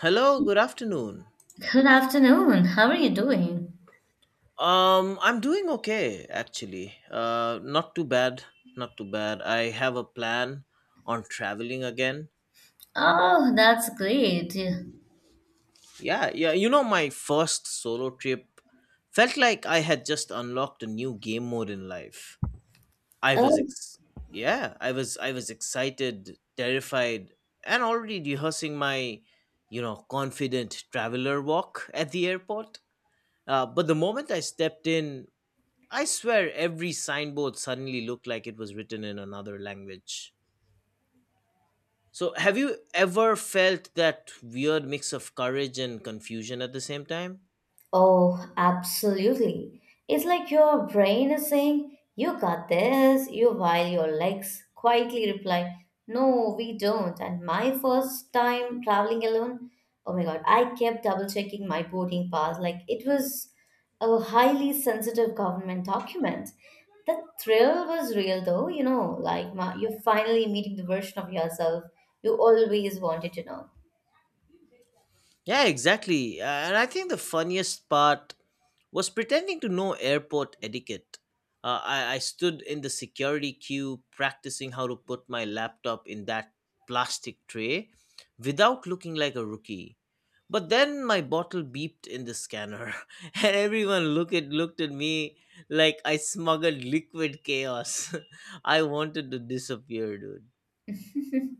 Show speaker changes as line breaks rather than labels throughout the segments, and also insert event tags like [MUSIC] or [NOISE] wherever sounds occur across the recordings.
Hello, good afternoon.
Good afternoon. How are you doing?
I'm doing okay actually. Not too bad, not too bad. I have a plan on traveling again.
Oh, that's great.
Yeah, yeah. You know, my first solo trip felt like I had just unlocked a new game mode in life. I was,
Oh,
ex- yeah, I was excited, terrified, and already rehearsing my, you know, confident traveler walk at the airport. But the moment I stepped in, I swear every signboard suddenly looked like it was written in another language. So, have you ever felt that weird mix of courage and confusion at the same time?
Oh, absolutely. It's like your brain is saying, "You got this," you while your legs quietly reply, "No, we don't." And my first time traveling alone, oh my god, I kept double checking my boarding pass. Like it was a highly sensitive government document. The thrill was real though, you know, like you're finally meeting the version of yourself you always wanted to
Yeah, exactly. And I think the funniest part was pretending to know airport etiquette. I stood in the security queue practicing how to put my laptop in that plastic tray without looking like a rookie. But then my bottle beeped in the scanner, [LAUGHS] and looked at me like I smuggled liquid chaos. [LAUGHS] I wanted to disappear, dude.
know. [LAUGHS]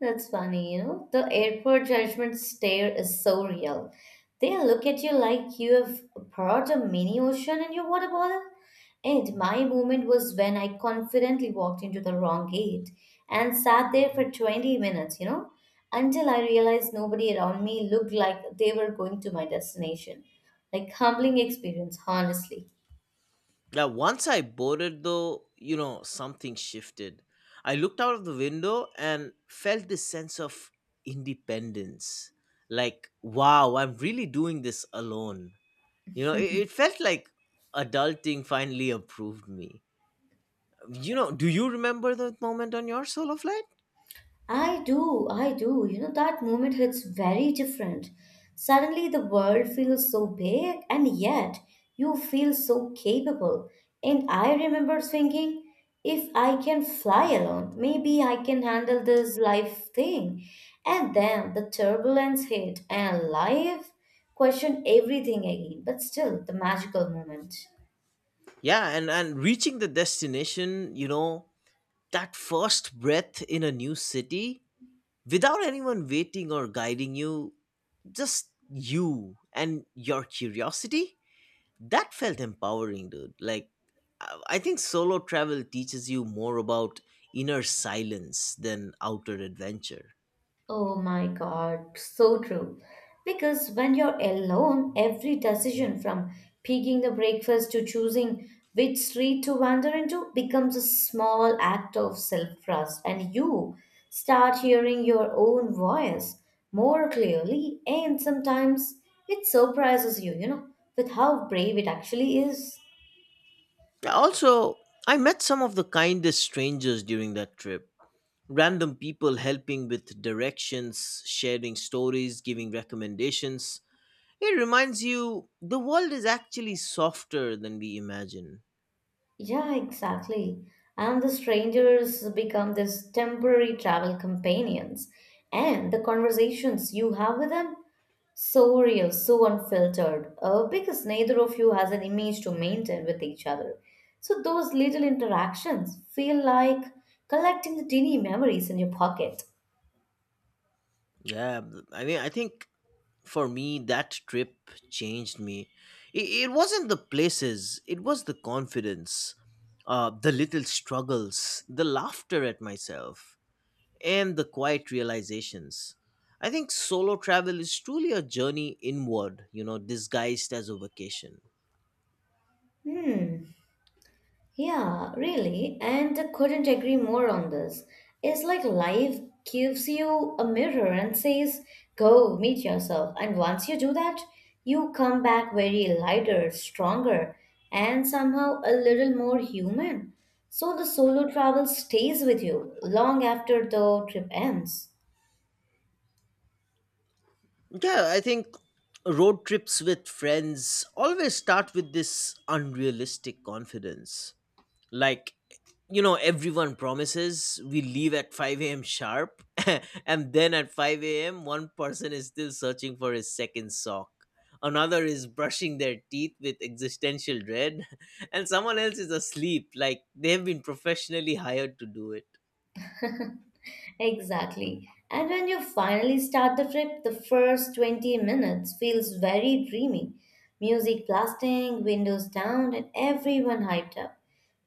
That's funny, you know. The airport judgment stare is so real. They look at you like you have brought a mini ocean in your water bottle. And my moment was when I confidently walked into the wrong gate and sat there for 20 minutes, you know, until I realized nobody around me looked like they were going to my destination. Like humbling experience, honestly.
Now, once I boarded, though, you know, something shifted. I looked out of the window and felt this sense of independence. Like, wow, I'm really doing this alone. You know,
[LAUGHS]
it, it felt like adulting finally approved me. You know, do you remember that moment on your solo flight?
I do. You know, that moment hits very different. Suddenly, the world feels so big, and yet you feel so capable. And I remember thinking, if I can fly alone, maybe I can handle this life thing. And then the turbulence hit, and life questioned everything again, but still the magical moment.
Yeah, and reaching the destination, you know, that first breath in a new city without anyone waiting or guiding you, just you and your curiosity, that felt empowering, dude. I think solo travel teaches you more about inner silence than outer adventure.
Oh my God, so true. Because when you're alone, every decision from picking the breakfast to choosing which street to wander into becomes a small act of self trust, and you start hearing your own voice more clearly. And sometimes it surprises you, you know, with how brave it actually is.
Also, I met some of the kindest strangers during that trip. Random people helping with directions, sharing stories, giving recommendations. It reminds you the world is actually softer than we imagine.
Yeah, exactly. And the strangers become this temporary travel companions. And the conversations you have with them, so real, so unfiltered, because neither of you has an image to maintain with each other. So those little interactions feel like collecting the teeny memories in your pocket.
Yeah, I think for me that trip changed me. It, it wasn't the places, it was the confidence, the little struggles, the laughter at myself, and the quiet realizations. I think solo travel is truly a journey inward, you know, disguised as a vacation.
Hmm. Yeah, really, and I couldn't agree more on this. It's like life gives you a mirror and says, go meet yourself. And once you do that, you come back very lighter, stronger, and somehow a little more human. So the solo travel stays with you long after the trip ends.
Yeah, I think road trips with friends always start with this unrealistic confidence, like, you know, everyone promises we leave at 5 a.m. sharp, [LAUGHS] and then at 5 a.m. one person is still searching for his second sock, another is brushing their teeth with existential dread, [LAUGHS] and someone else is asleep like they've been professionally hired to do it.
Exactly. And when you finally start the trip, the first 20 minutes feels very dreamy. Music blasting, windows down, and everyone hyped up.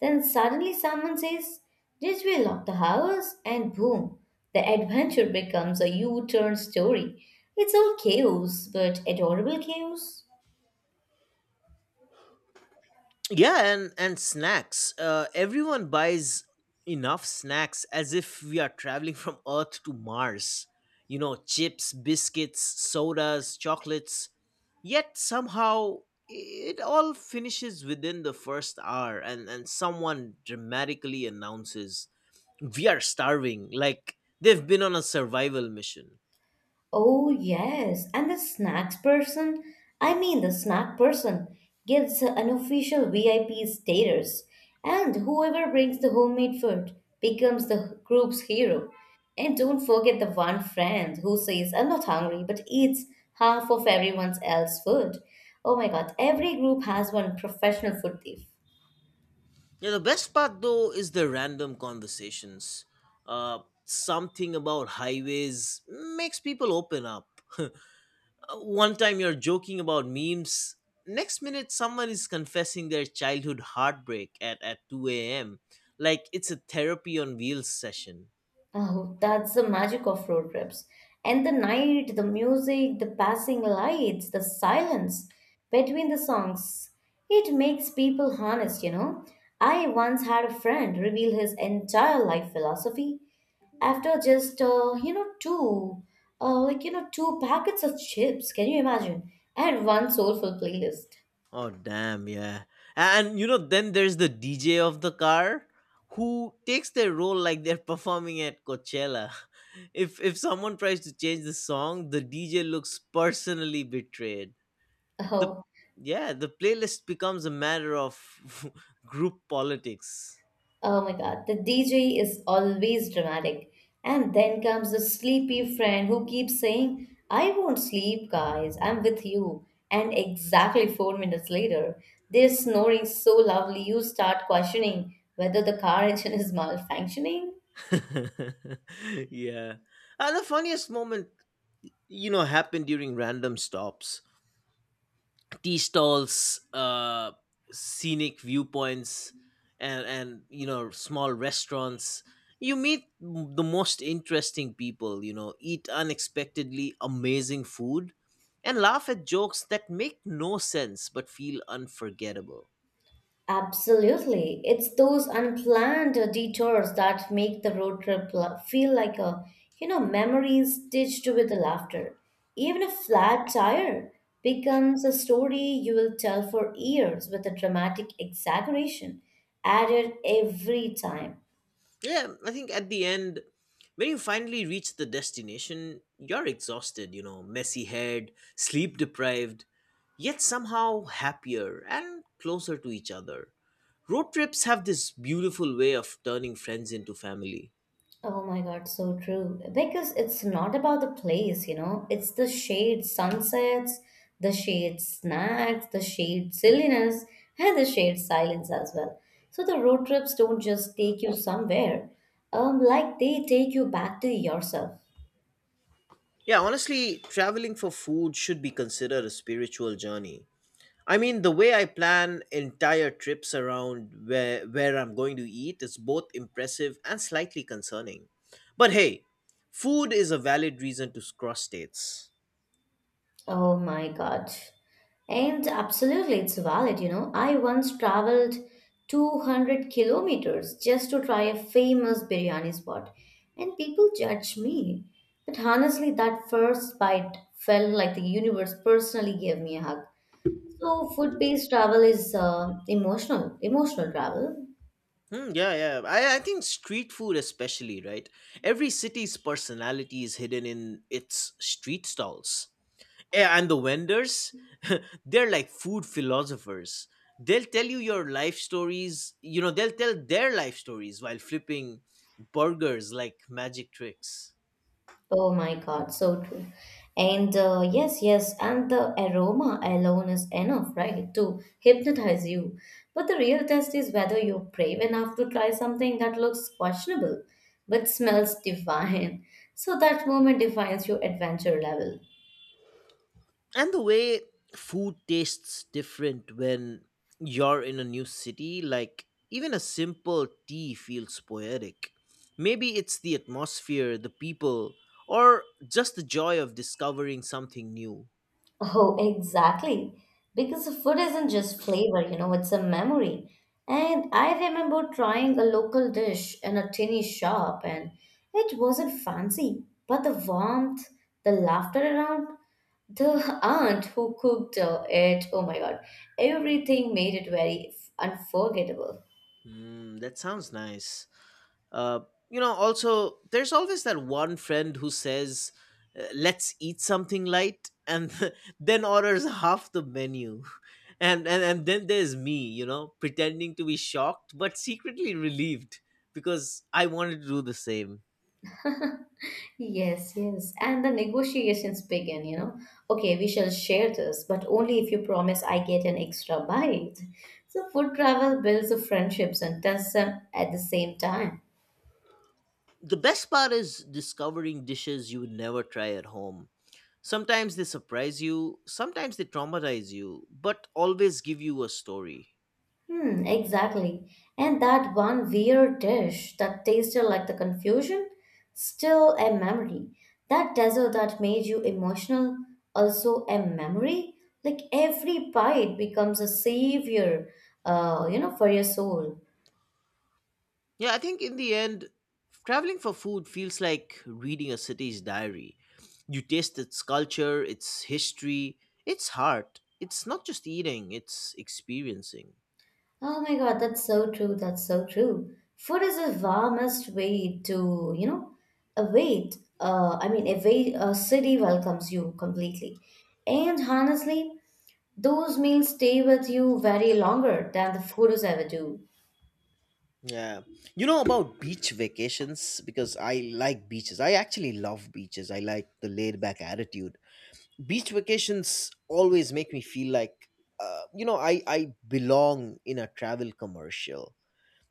Then suddenly someone says, "Did we lock the house?" And boom, the adventure becomes a U turn story. It's all chaos, but adorable chaos.
Yeah, and snacks, everyone buys enough snacks as if we are traveling [LAUGHS] from Earth to Mars. You know, chips, biscuits, sodas, chocolates, yet somehow it all finishes within the first hour, and someone dramatically announces we are starving, like they've been on a survival mission.
Oh, yes. And the snacks person, I mean, the snack person gives an official VIP status. And whoever brings the homemade food becomes the group's hero. And don't forget the one friend who says, "I'm not hungry," but eats half of everyone else's food. Oh my god, every group has one professional food thief.
Yeah, the best part though is the random conversations. Uh, Something about highways makes people open up. One time you're joking about memes, next minute someone is confessing their childhood heartbreak at 2 a.m. Like it's a therapy on wheels session.
Oh, that's the magic of road trips. And the night, the music, the passing lights, the silence between the songs. It makes people honest, you know. I once had a friend reveal his entire life philosophy after just, two, two packets of chips. Can you imagine? And one soulful playlist.
Oh damn, yeah. And you know, then there's the DJ of the car who takes their role like they're [LAUGHS] performing at Coachella. [LAUGHS] If someone tries to change the song, the DJ looks personally betrayed. The
Oh,
Yeah, the playlist becomes a matter of [LAUGHS] group politics.
oh my god, the DJ is always dramatic. And then comes the sleepy friend who keeps saying, "I won't sleep, guys, I'm with you." And exactly 4 minutes later, they're snoring so loudly you start questioning whether the car engine is malfunctioning.
[LAUGHS] Yeah. And the funniest moment, you know, happened during random stops. Tea stalls, scenic viewpoints, and you know, small restaurants. The most interesting people. You know, eat unexpectedly amazing food, and laugh at jokes that make no sense but feel unforgettable.
Absolutely. It's those unplanned detours that make the road trip feel like a, you know, memory stitched with the laughter. Even a flat tire becomes a story you will tell for years with a dramatic exaggeration added every time.
Yeah, I think at the end, when you finally reach the destination, you're exhausted, you know, messy head, sleep deprived, yet somehow happier and closer to each other. Road trips have this beautiful way of turning friends into family.
Oh my God, so true. Because it's not about the place, you know, it's the shade sunsets, the shade snacks, the shade silliness, and the shade silence as well. So the road trips don't just take you somewhere, like they take you back to yourself.
Yeah, honestly, traveling for food should be considered a spiritual journey. I mean, the way I plan entire trips around where I'm going to eat is both impressive and slightly concerning. But hey, food is a valid reason to cross states.
Oh my God. And absolutely, it's valid, you know. I once traveled 200 kilometers just to try a famous biryani spot, and people judged me. But honestly, that first bite felt like the universe personally gave me a hug. So, food-based travel is emotional, emotional travel.
Hmm, yeah, yeah. I think street food especially, right? Every city's personality is hidden in its street stalls. Yeah, and the vendors, [LAUGHS] they're like food philosophers. They'll tell their life stories while flipping burgers like magic tricks.
Oh my God, so true. And yes, yes, and the aroma alone is enough, right, to hypnotize you. But the real test is whether you're brave enough to try something that looks questionable but smells [LAUGHS] divine. So that moment defines your adventure level.
And the way food tastes different when you're in a new city, like even a simple tea feels poetic. Maybe it's the atmosphere, the people, or just the joy of discovering something new.
Oh, exactly. Because food isn't just flavor, you know, it's a memory. And I remember trying a local dish in a tiny shop, and it wasn't fancy, but the warmth, the laughter around, the [LAUGHS] aunt who cooked it, oh my God, everything made it very unforgettable.
Mm, that sounds nice. Uh, you know, also, there's always that one friend who says, let's eat something light, and [LAUGHS] then orders half the menu. [LAUGHS] And then there's me, you know, pretending to be shocked but secretly relieved because I wanted to do the same.
Yes, yes. And the negotiations begin, you know. Okay, we shall share this, but only if you promise I get an extra bite. So food travel builds the friendships and tests them at the same time.
The best part is discovering dishes you would never try at home. Sometimes they surprise you, sometimes they traumatize you, but always give you a story.
Hmm, exactly. And that one weird dish that tasted like the confusion, still a memory. That dessert that made you emotional, also a memory. Like every bite becomes a savior, for your soul.
Yeah, I think in the end, traveling for food feels like reading a city's diary. You taste its culture, its history, its heart. It's not just eating, it's experiencing.
Oh my God, that's so true. That's so true. Food is the warmest way to, you know, await. I mean, await a city welcomes you completely. And honestly, those meals stay with you very longer than the photos ever do.
Yeah. You know about beach vacations, because I like beaches. I actually love beaches. I like the laid back attitude. Beach vacations always make me feel like, you know, I belong in a travel commercial.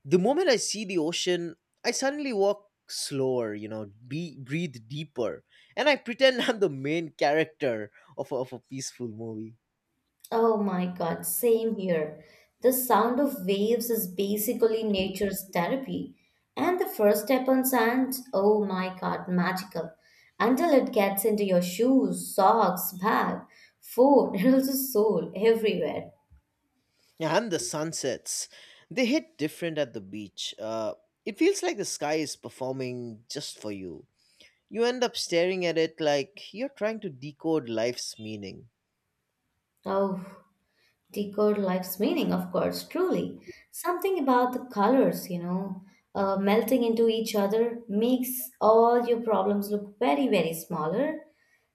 The moment I see the ocean, I suddenly walk slower, you know, breathe deeper, and I pretend [LAUGHS] I'm the main character of a peaceful movie.
Oh my God, same here. The sound of waves is basically nature's therapy. And the first step on sand, oh my God, magical. Until it gets into your shoes, socks, bag, phone, [LAUGHS] and also soul, everywhere.
Yeah, and the sunsets, they hit different at the beach. It feels like the sky is performing just for you. You end up staring at it like you're trying to decode life's meaning.
Oh, decode life's meaning, of course, truly. Something about the colors, you know, melting into each other makes all your problems look very, very smaller.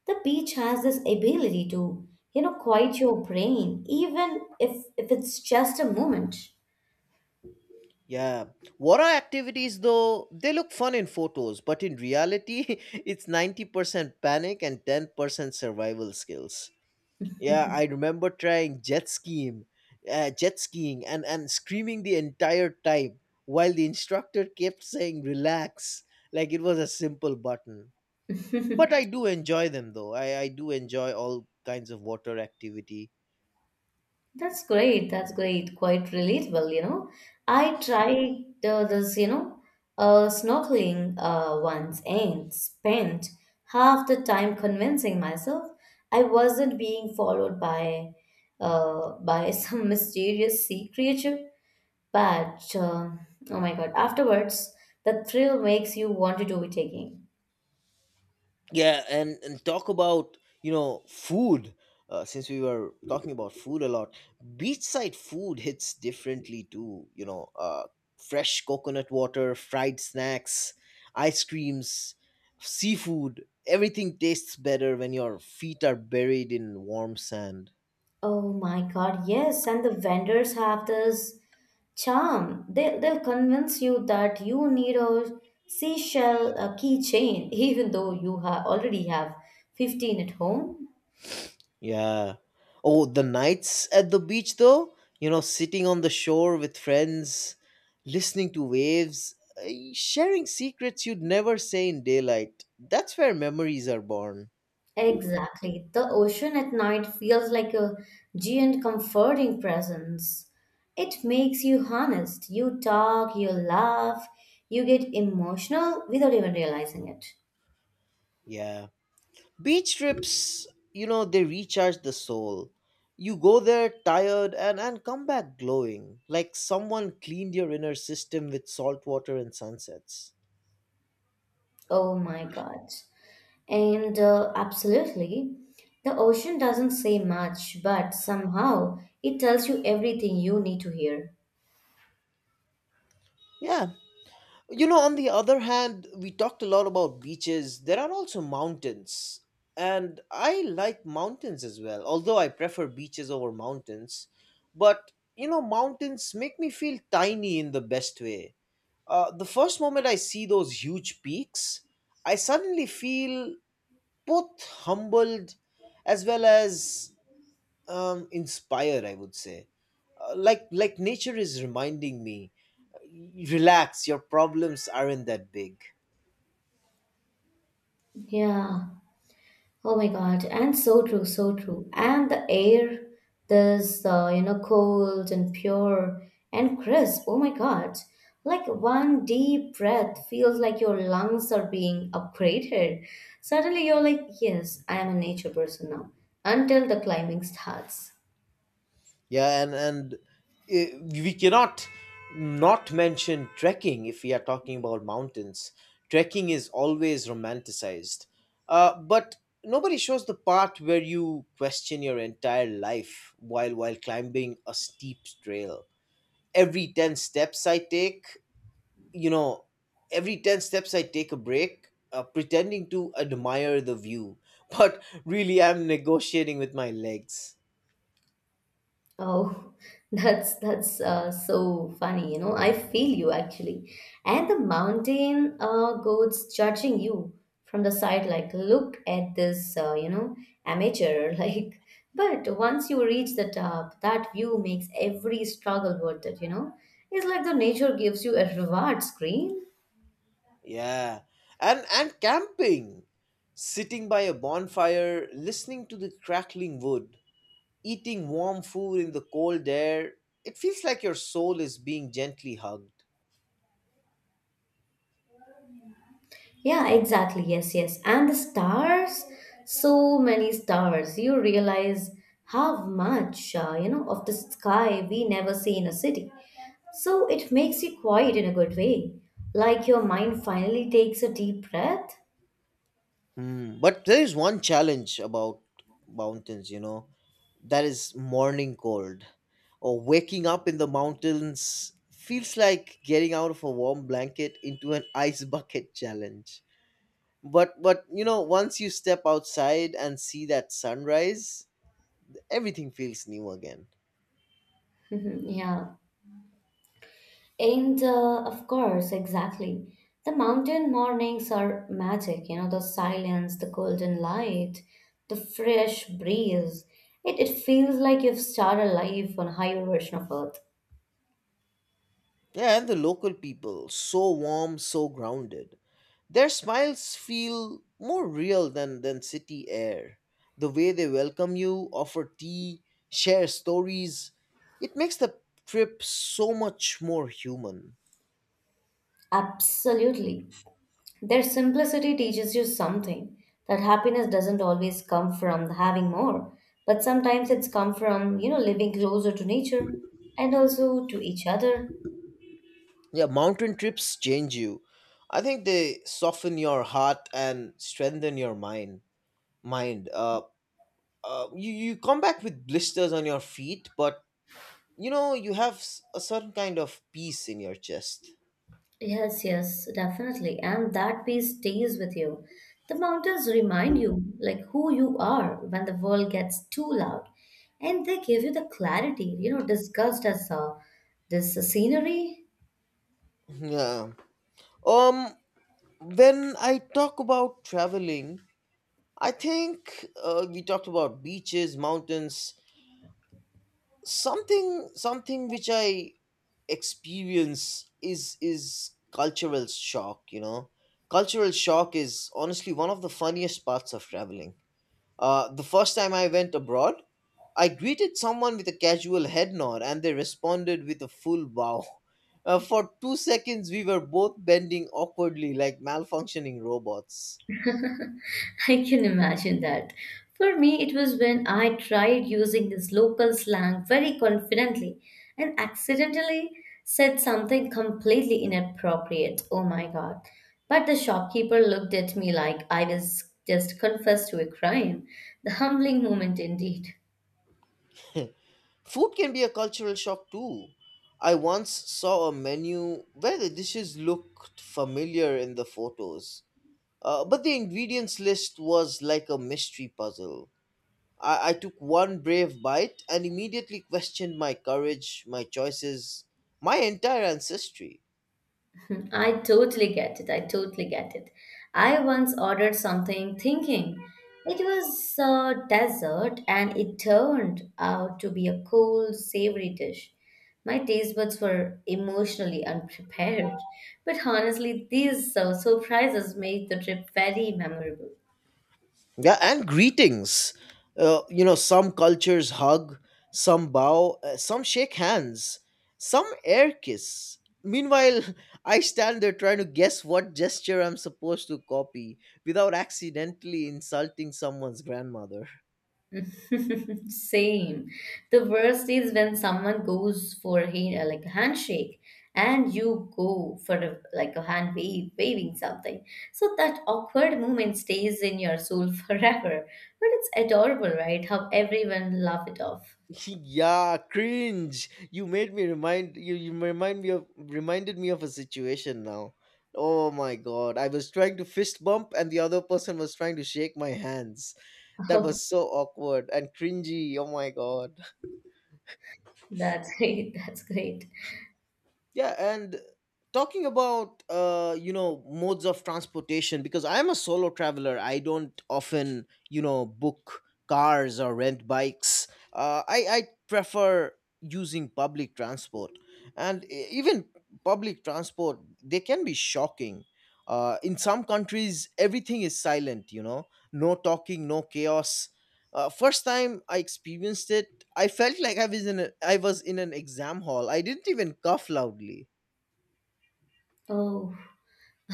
The beach has this ability to, you know, quiet your brain, even if it's just a moment.
Yeah. Water activities, though, they look fun in photos, but in reality, [LAUGHS] it's 90% panic and 10% survival skills. Yeah, I remember trying jet skiing, and screaming the entire time while the instructor kept saying "relax," like it was a simple button. But I
[LAUGHS]
do enjoy them though. I do enjoy all kinds of water activity.
That's great. That's great. Quite relatable, you know. I tried this, you know, snorkeling once and spent half the time convincing myself I wasn't being followed by [LAUGHS] some mysterious sea creature. But oh my God, afterwards, the thrill makes you want to do it again.
Yeah, and talk about, you know, food, since we were talking about food a lot. Beachside food hits differently too, you know. Fresh coconut water, fried snacks, ice creams, seafood, everything tastes better when your feet are buried in warm sand.
Oh my God, yes. And the vendors have this charm. They'll convince you that you need a seashell a keychain, [LAUGHS] even though you ha already have 15 at home.
Yeah. Oh, the nights at the beach, though, you know, sitting on the shore with friends, listening to waves, uh, sharing secrets you'd never say in daylight. That's where memories are born.
Exactly. The ocean at night feels like a giant comforting presence. It makes you honest. You talk, you laugh, you get emotional without even realizing it.
Yeah. Beach trips, you know, they recharge the soul. You go there tired and come back glowing, like someone cleaned your inner system with salt water and sunsets.
Oh my God. And absolutely, the ocean doesn't say much, but somehow it tells you everything you need to hear.
Yeah. You know, on the other hand, we talked a lot about beaches. There are also mountains. And I like mountains as well, although I prefer beaches over mountains. But, you know, mountains make me feel tiny in the best way. The first moment I see those huge peaks, I suddenly feel both humbled as well as inspired, I would say. Like nature is reminding me, relax, your problems aren't that big.
Yeah. Oh my God. And so true, so true. And the air, this, cold and pure and crisp. Oh my God. Like one deep breath feels like your lungs are being upgraded. Suddenly you're like, yes, I am a nature person now, until the climbing starts.
Yeah, and we cannot not mention trekking if we are talking about mountains. Trekking is always romanticized, but nobody shows the part where you question your entire life while climbing a steep trail. Every ten steps I take, you know, every 10 steps I take a break, pretending to admire the view, [LAUGHS] but really I'm negotiating with my legs.
Oh, [LAUGHS] that's so funny. You know, I feel you actually. And the mountain goats judging you from the side, like, look at this, amateur. [LAUGHS] Like, but once you reach the top, that view makes every struggle worth it. You know, it's like the nature gives you a reward screen.
Yeah. And camping, sitting by a bonfire, listening to the crackling wood, eating warm food in the cold air, it feels like your soul is being gently hugged.
Yeah, exactly. Yes, yes. And the stars, so many stars. You realize how much, of the sky we never see in a city. So it makes you quiet in a good way. Like your mind finally takes a deep breath.
Hmm. But there is one challenge about mountains, you know, that is morning cold. Or waking up in the mountains feels like getting out of a warm blanket into an ice bucket [LAUGHS] challenge. But you know, once you step outside and see that sunrise, everything feels new again.
[LAUGHS] yeah. And of course, exactly. The mountain mornings are magic, you know, the silence, the golden light, the fresh breeze. It feels like you've started life on a higher version of Earth.
Yeah, and the local people, so warm, so grounded, their smiles feel more real than city air. The way they welcome you, offer tea, share stories, it makes the trip so much more human.
Absolutely. Their simplicity teaches you something that happiness doesn't always come from having more, but sometimes it's come from, you know, living closer to nature and also to each other.
Yeah, mountain trips change you. I think they soften your heart and strengthen your mind. You you come back with blisters on your feet, but you know, you have a certain kind of peace in your chest. [LAUGHS]
Yes, yes, definitely. And that piece stays with you. The mountains remind you like who you are when the world gets too loud. And they give you the clarity, you know, discussed as this scenery.
Yeah. Um. When I talk about traveling, I think, we talked about beaches, mountains. Something which I experience is cultural shock. You know, cultural shock is honestly one of the funniest parts of traveling. The first time I went abroad, I greeted someone with a casual head nod and they responded with a full bow. For 2 seconds, we were both bending awkwardly like malfunctioning robots.
[LAUGHS] I can imagine that. For me, it was when I tried using this local slang very confidently and accidentally said something completely inappropriate. Oh my god. But the shopkeeper looked at me like I was just confessed to a crime. The humbling moment indeed.
Food can be a cultural shock too. I once saw a menu where the dishes looked familiar in the photos, but the ingredients list was like a mystery puzzle. I took one brave bite and immediately questioned my courage, my choices, my entire ancestry.
[LAUGHS] I totally get it. I totally get it. I once ordered something thinking it was a dessert and it turned out to be a cold, savory dish. My taste buds were emotionally unprepared, but honestly, these surprises made the trip very memorable.
Yeah, and greetings. Some cultures hug, some bow, some shake hands, some air kiss. Meanwhile, [LAUGHS] I stand there trying to guess what gesture I'm supposed to copy without accidentally insulting someone's grandmother.
[LAUGHS] Same. The worst is when someone goes for a like a handshake and you go for a, like a hand wave, waving something. So that awkward moment stays in your soul [LAUGHS] forever. But it's adorable, right? How everyone laugh it off.
[LAUGHS] Yeah, cringe. You made me remind you you remind me of reminded me of a situation now. Oh my god, I was trying to fist bump and the other person was trying to shake my hands. That
[LAUGHS] Oh,
was so awkward and cringy, oh my god.
that's great. That's great.
Yeah, and talking about modes of transportation, because I am a solo traveler. I don't often book cars or rent bikes. I prefer using public transport, and even public transport, they can be shocking. In some countries, everything is silent. No talking, no chaos. First time I experienced it, I felt like I was in an exam hall. I didn't even cough loudly.
Oh, [LAUGHS]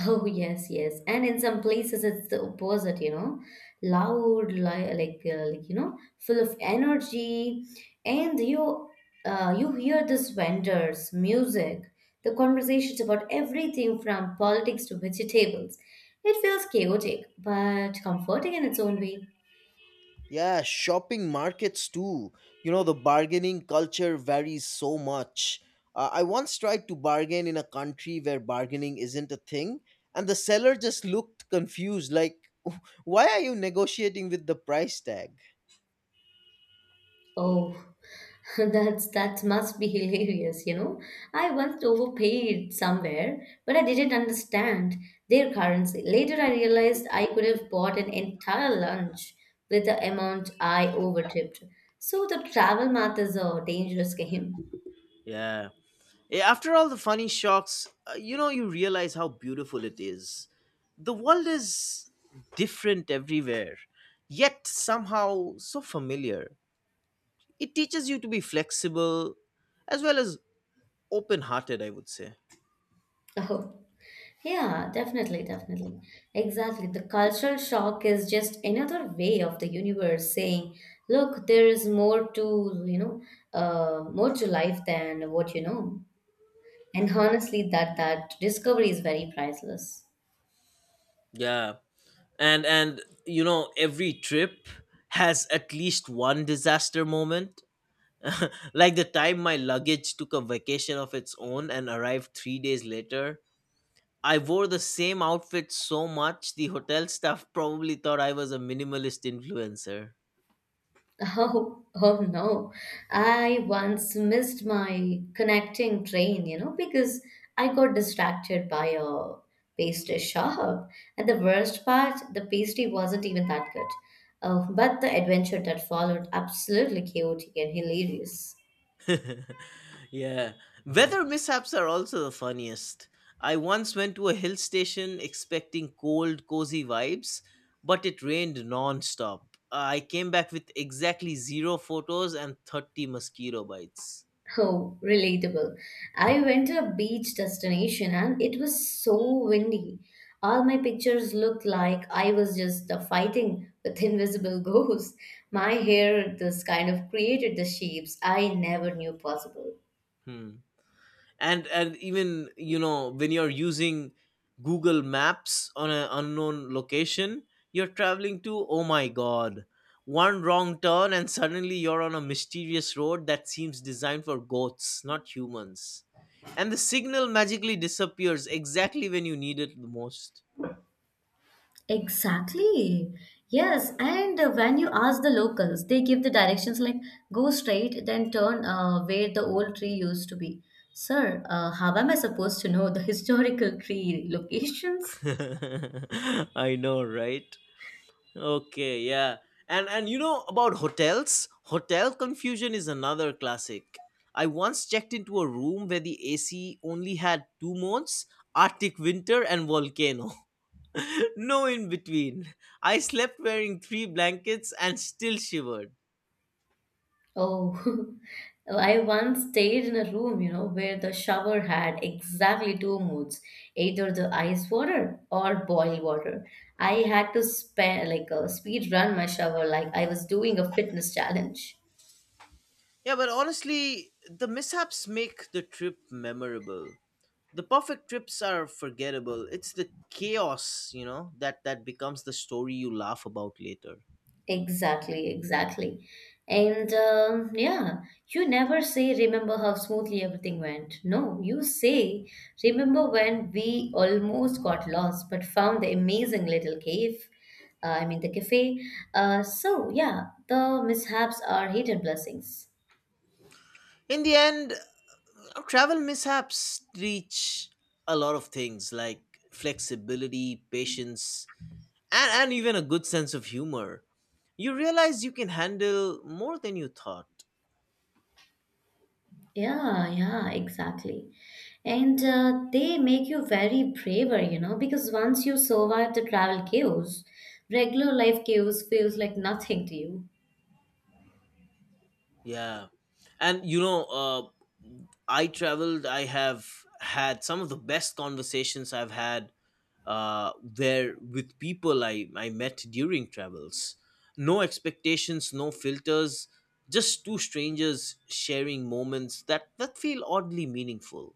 Oh, yes, yes. And in some places, it's the opposite, you know, loud, like, full of energy. And you, you hear this vendors, music, the conversations about everything from politics to vegetables. It feels chaotic, but comforting in its own way.
Yeah, shopping markets too. You know, the bargaining culture varies so much. I once tried to bargain in a country where bargaining isn't a thing, and the seller just looked confused, like, why are you negotiating with the price tag?
Oh, [LAUGHS] That must be [LAUGHS] hilarious, I once overpaid somewhere, but I didn't understand their currency. Later, I realized I could have bought an entire lunch with the amount I overtipped. So the travel math is a dangerous game. [LAUGHS]
Yeah. Yeah, after all the funny shocks, you realize how beautiful it is. The world is different everywhere, yet somehow so familiar. It teaches you to be flexible as well as open hearted, I would say.
Oh, yeah, definitely, definitely. Exactly. The cultural shock is just another way of the universe saying, look, there is more to, more to life than what you know. And honestly, that discovery is very priceless. [LAUGHS]
Yeah. And you know, every trip has at least one disaster moment. [LAUGHS] Like the time my luggage took a vacation of its own and arrived 3 days later. I wore the same outfit so much, the hotel staff probably thought I was a minimalist influencer.
Oh, oh no. I once missed my connecting train, because I got distracted by a pastry shop. And the worst part, the pastry wasn't even that good. But the adventure that followed, absolutely chaotic and hilarious.
[LAUGHS] Yeah. Weather mishaps are also the funniest. I once went to a hill station expecting cold, cozy vibes, but it rained non-stop. I came back with exactly zero photos and 30 mosquito bites.
Oh, relatable. I went to a beach destination and it was so windy. All my pictures looked like I was just fighting with [LAUGHS] invisible ghosts. My hair, this kind of created the shapes I never knew possible.
Hmm. And even you know, when you're using Google Maps on an unknown location you're traveling to, oh my god, one wrong turn and suddenly you're on a mysterious road that seems designed for goats, not humans, and the signal magically disappears exactly when you need it the most.
Exactly. Yes, and when you ask the locals, they give the directions like go straight, then turn where the old tree used to be. Sir, how am I supposed to know the [LAUGHS] historical tree locations?
[LAUGHS] I know, right? Okay, yeah. And you know about hotels? Hotel confusion is another classic. I once checked into a room where the AC only had two modes, Arctic winter and volcano. [LAUGHS] No in between. I slept wearing three blankets and still shivered.
Oh, [LAUGHS] I once stayed in a room where the shower had exactly two moods, either the ice water or boil water. I had to spare like a speed run my shower like I was doing a fitness challenge.
Yeah, but honestly, the mishaps make the trip memorable. The perfect trips are forgettable. It's the chaos, you know, that becomes the story you laugh about later.
Exactly, exactly. And you never say, remember how smoothly everything went. No, you say, remember when we almost got lost but found the amazing little cave, I mean, the cafe. So yeah, the mishaps are hidden blessings.
In the end, now, travel mishaps teach a lot of things, like flexibility, patience, and even a good sense of humor. You realize you can handle more than you thought.
Yeah, yeah, exactly. And they make you very braver, you know, because once you survive the travel chaos, regular life chaos feels like nothing to you.
Yeah. And you know, I have had some of the best conversations I've had where with people I met during travels. No expectations, no filters, just two strangers sharing moments that feel oddly meaningful.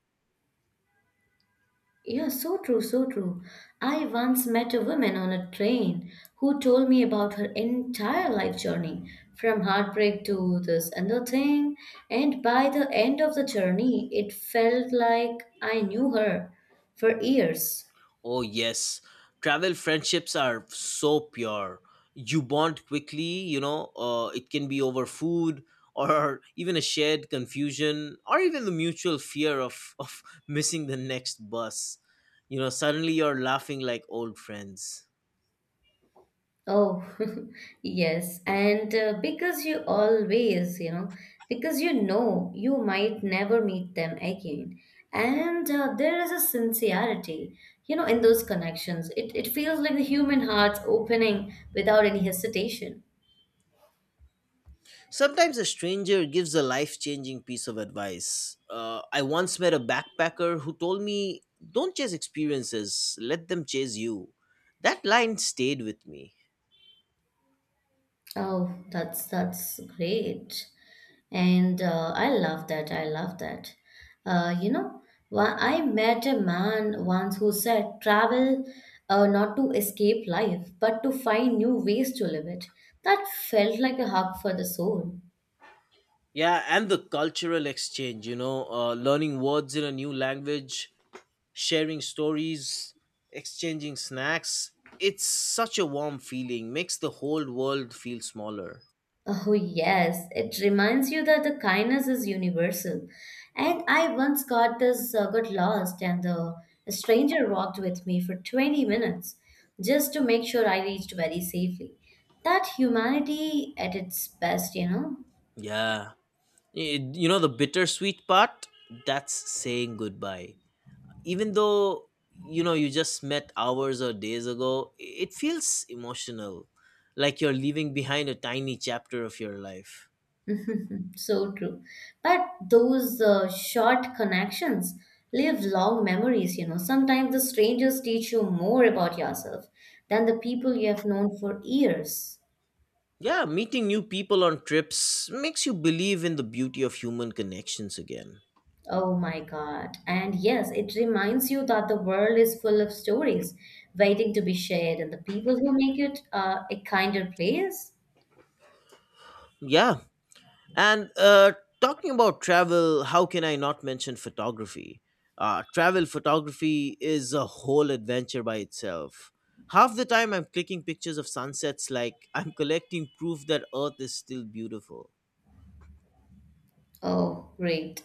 Yeah, so true, so true. I once met a woman on a train who told me about her entire life journey, from heartbreak to this and the thing. And by the end of the journey, it felt like I knew her for years.
Oh, yes. Travel friendships are so pure. You bond quickly, you know, it can be over food or [LAUGHS] even a shared confusion, or even the mutual fear of [LAUGHS] missing the next bus. You know, suddenly you're laughing like old friends.
Oh, [LAUGHS] yes. And because you always, because you know you might never meet them again. And there is a sincerity, you know, in those connections. It feels like the human heart's opening without any hesitation.
Sometimes a stranger gives a life changing piece of advice. I once met a backpacker who told me, "Don't chase experiences, let them chase you." That line stayed with me.
Oh, that's great. And I love that. I love that. You know, I met a man once who said travel not to escape life, but to find new ways to live it. That felt like a hug for the soul.
Yeah, and the cultural exchange, you know, learning words in a new language, sharing stories, exchanging snacks. It's such a warm feeling, makes the whole world feel smaller.
Oh, yes, it reminds you that the kindness is universal. And I once got lost, and the a stranger walked with me for 20 minutes just to make sure I reached very safely. That humanity at its best, you know?
Yeah. You know, the bittersweet part? That's saying goodbye, even though you know you just met hours or days ago, it feels emotional, like you're leaving behind a tiny chapter of your life.
[LAUGHS] So true. But those short connections leave long memories, you know. Sometimes the strangers teach you more about yourself than the people you have known for years.
Yeah, meeting new people on trips makes you believe in the beauty of human connections again.
Oh my God. And yes, it reminds you that the world is full of stories waiting to be shared, and the people who make it a kinder place.
Yeah, and uh, talking about travel, how can I not mention photography? Uh, travel photography is a whole adventure by itself. Half the time I'm clicking pictures of sunsets like I'm collecting proof that earth is still beautiful.
Oh, great.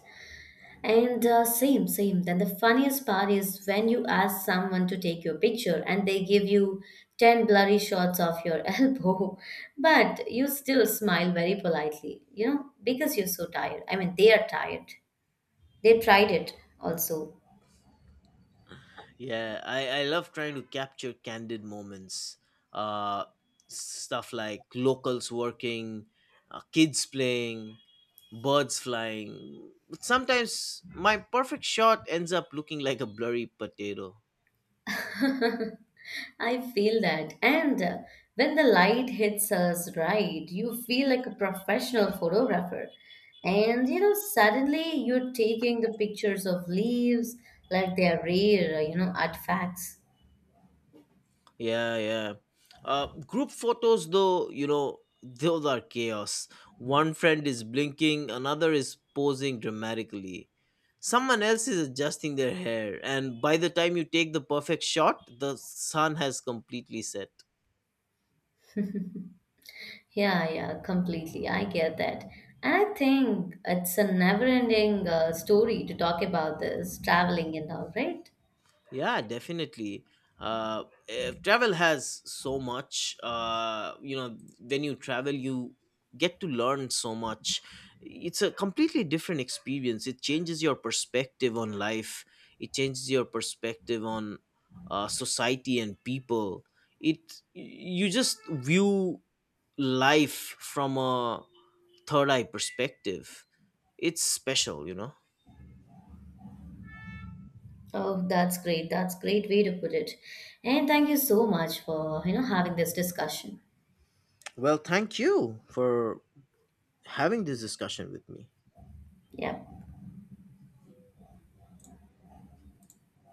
And same, same. Then the funniest part is when you ask someone to take your picture and they give you 10 blurry shots of your [LAUGHS] elbow, but you still smile very politely, you know, because you're so tired. I mean, they are tired. They tried it also.
Yeah, I love trying to capture candid moments. Uh, stuff like locals working, kids playing, birds flying. But sometimes my perfect shot ends up looking like a blurry potato.
[LAUGHS] I feel that. And when the light hits us right, you feel like a professional photographer. And you know, suddenly you're taking the pictures of leaves like they are rare, artifacts.
Yeah, yeah. Group photos, though, you know, those are chaos. One friend is blinking, another is posing dramatically. Someone else is adjusting their hair, and by the time you take the perfect shot, the sun has completely set.
Yeah, yeah, completely. I get that. And I think it's a never ending story to talk about this traveling and all, right?
Yeah, definitely. Uh, Travel has so much. You know, when you travel, you get to learn so much. It's a completely different experience. It changes your perspective on life. It changes your perspective on society and people. It, you just view life from a third eye perspective. It's special, you know.
Oh, that's great. That's great way to put it. And thank you so much for, you know, having this discussion.
Well, thank you for having this discussion with me.
Yeah.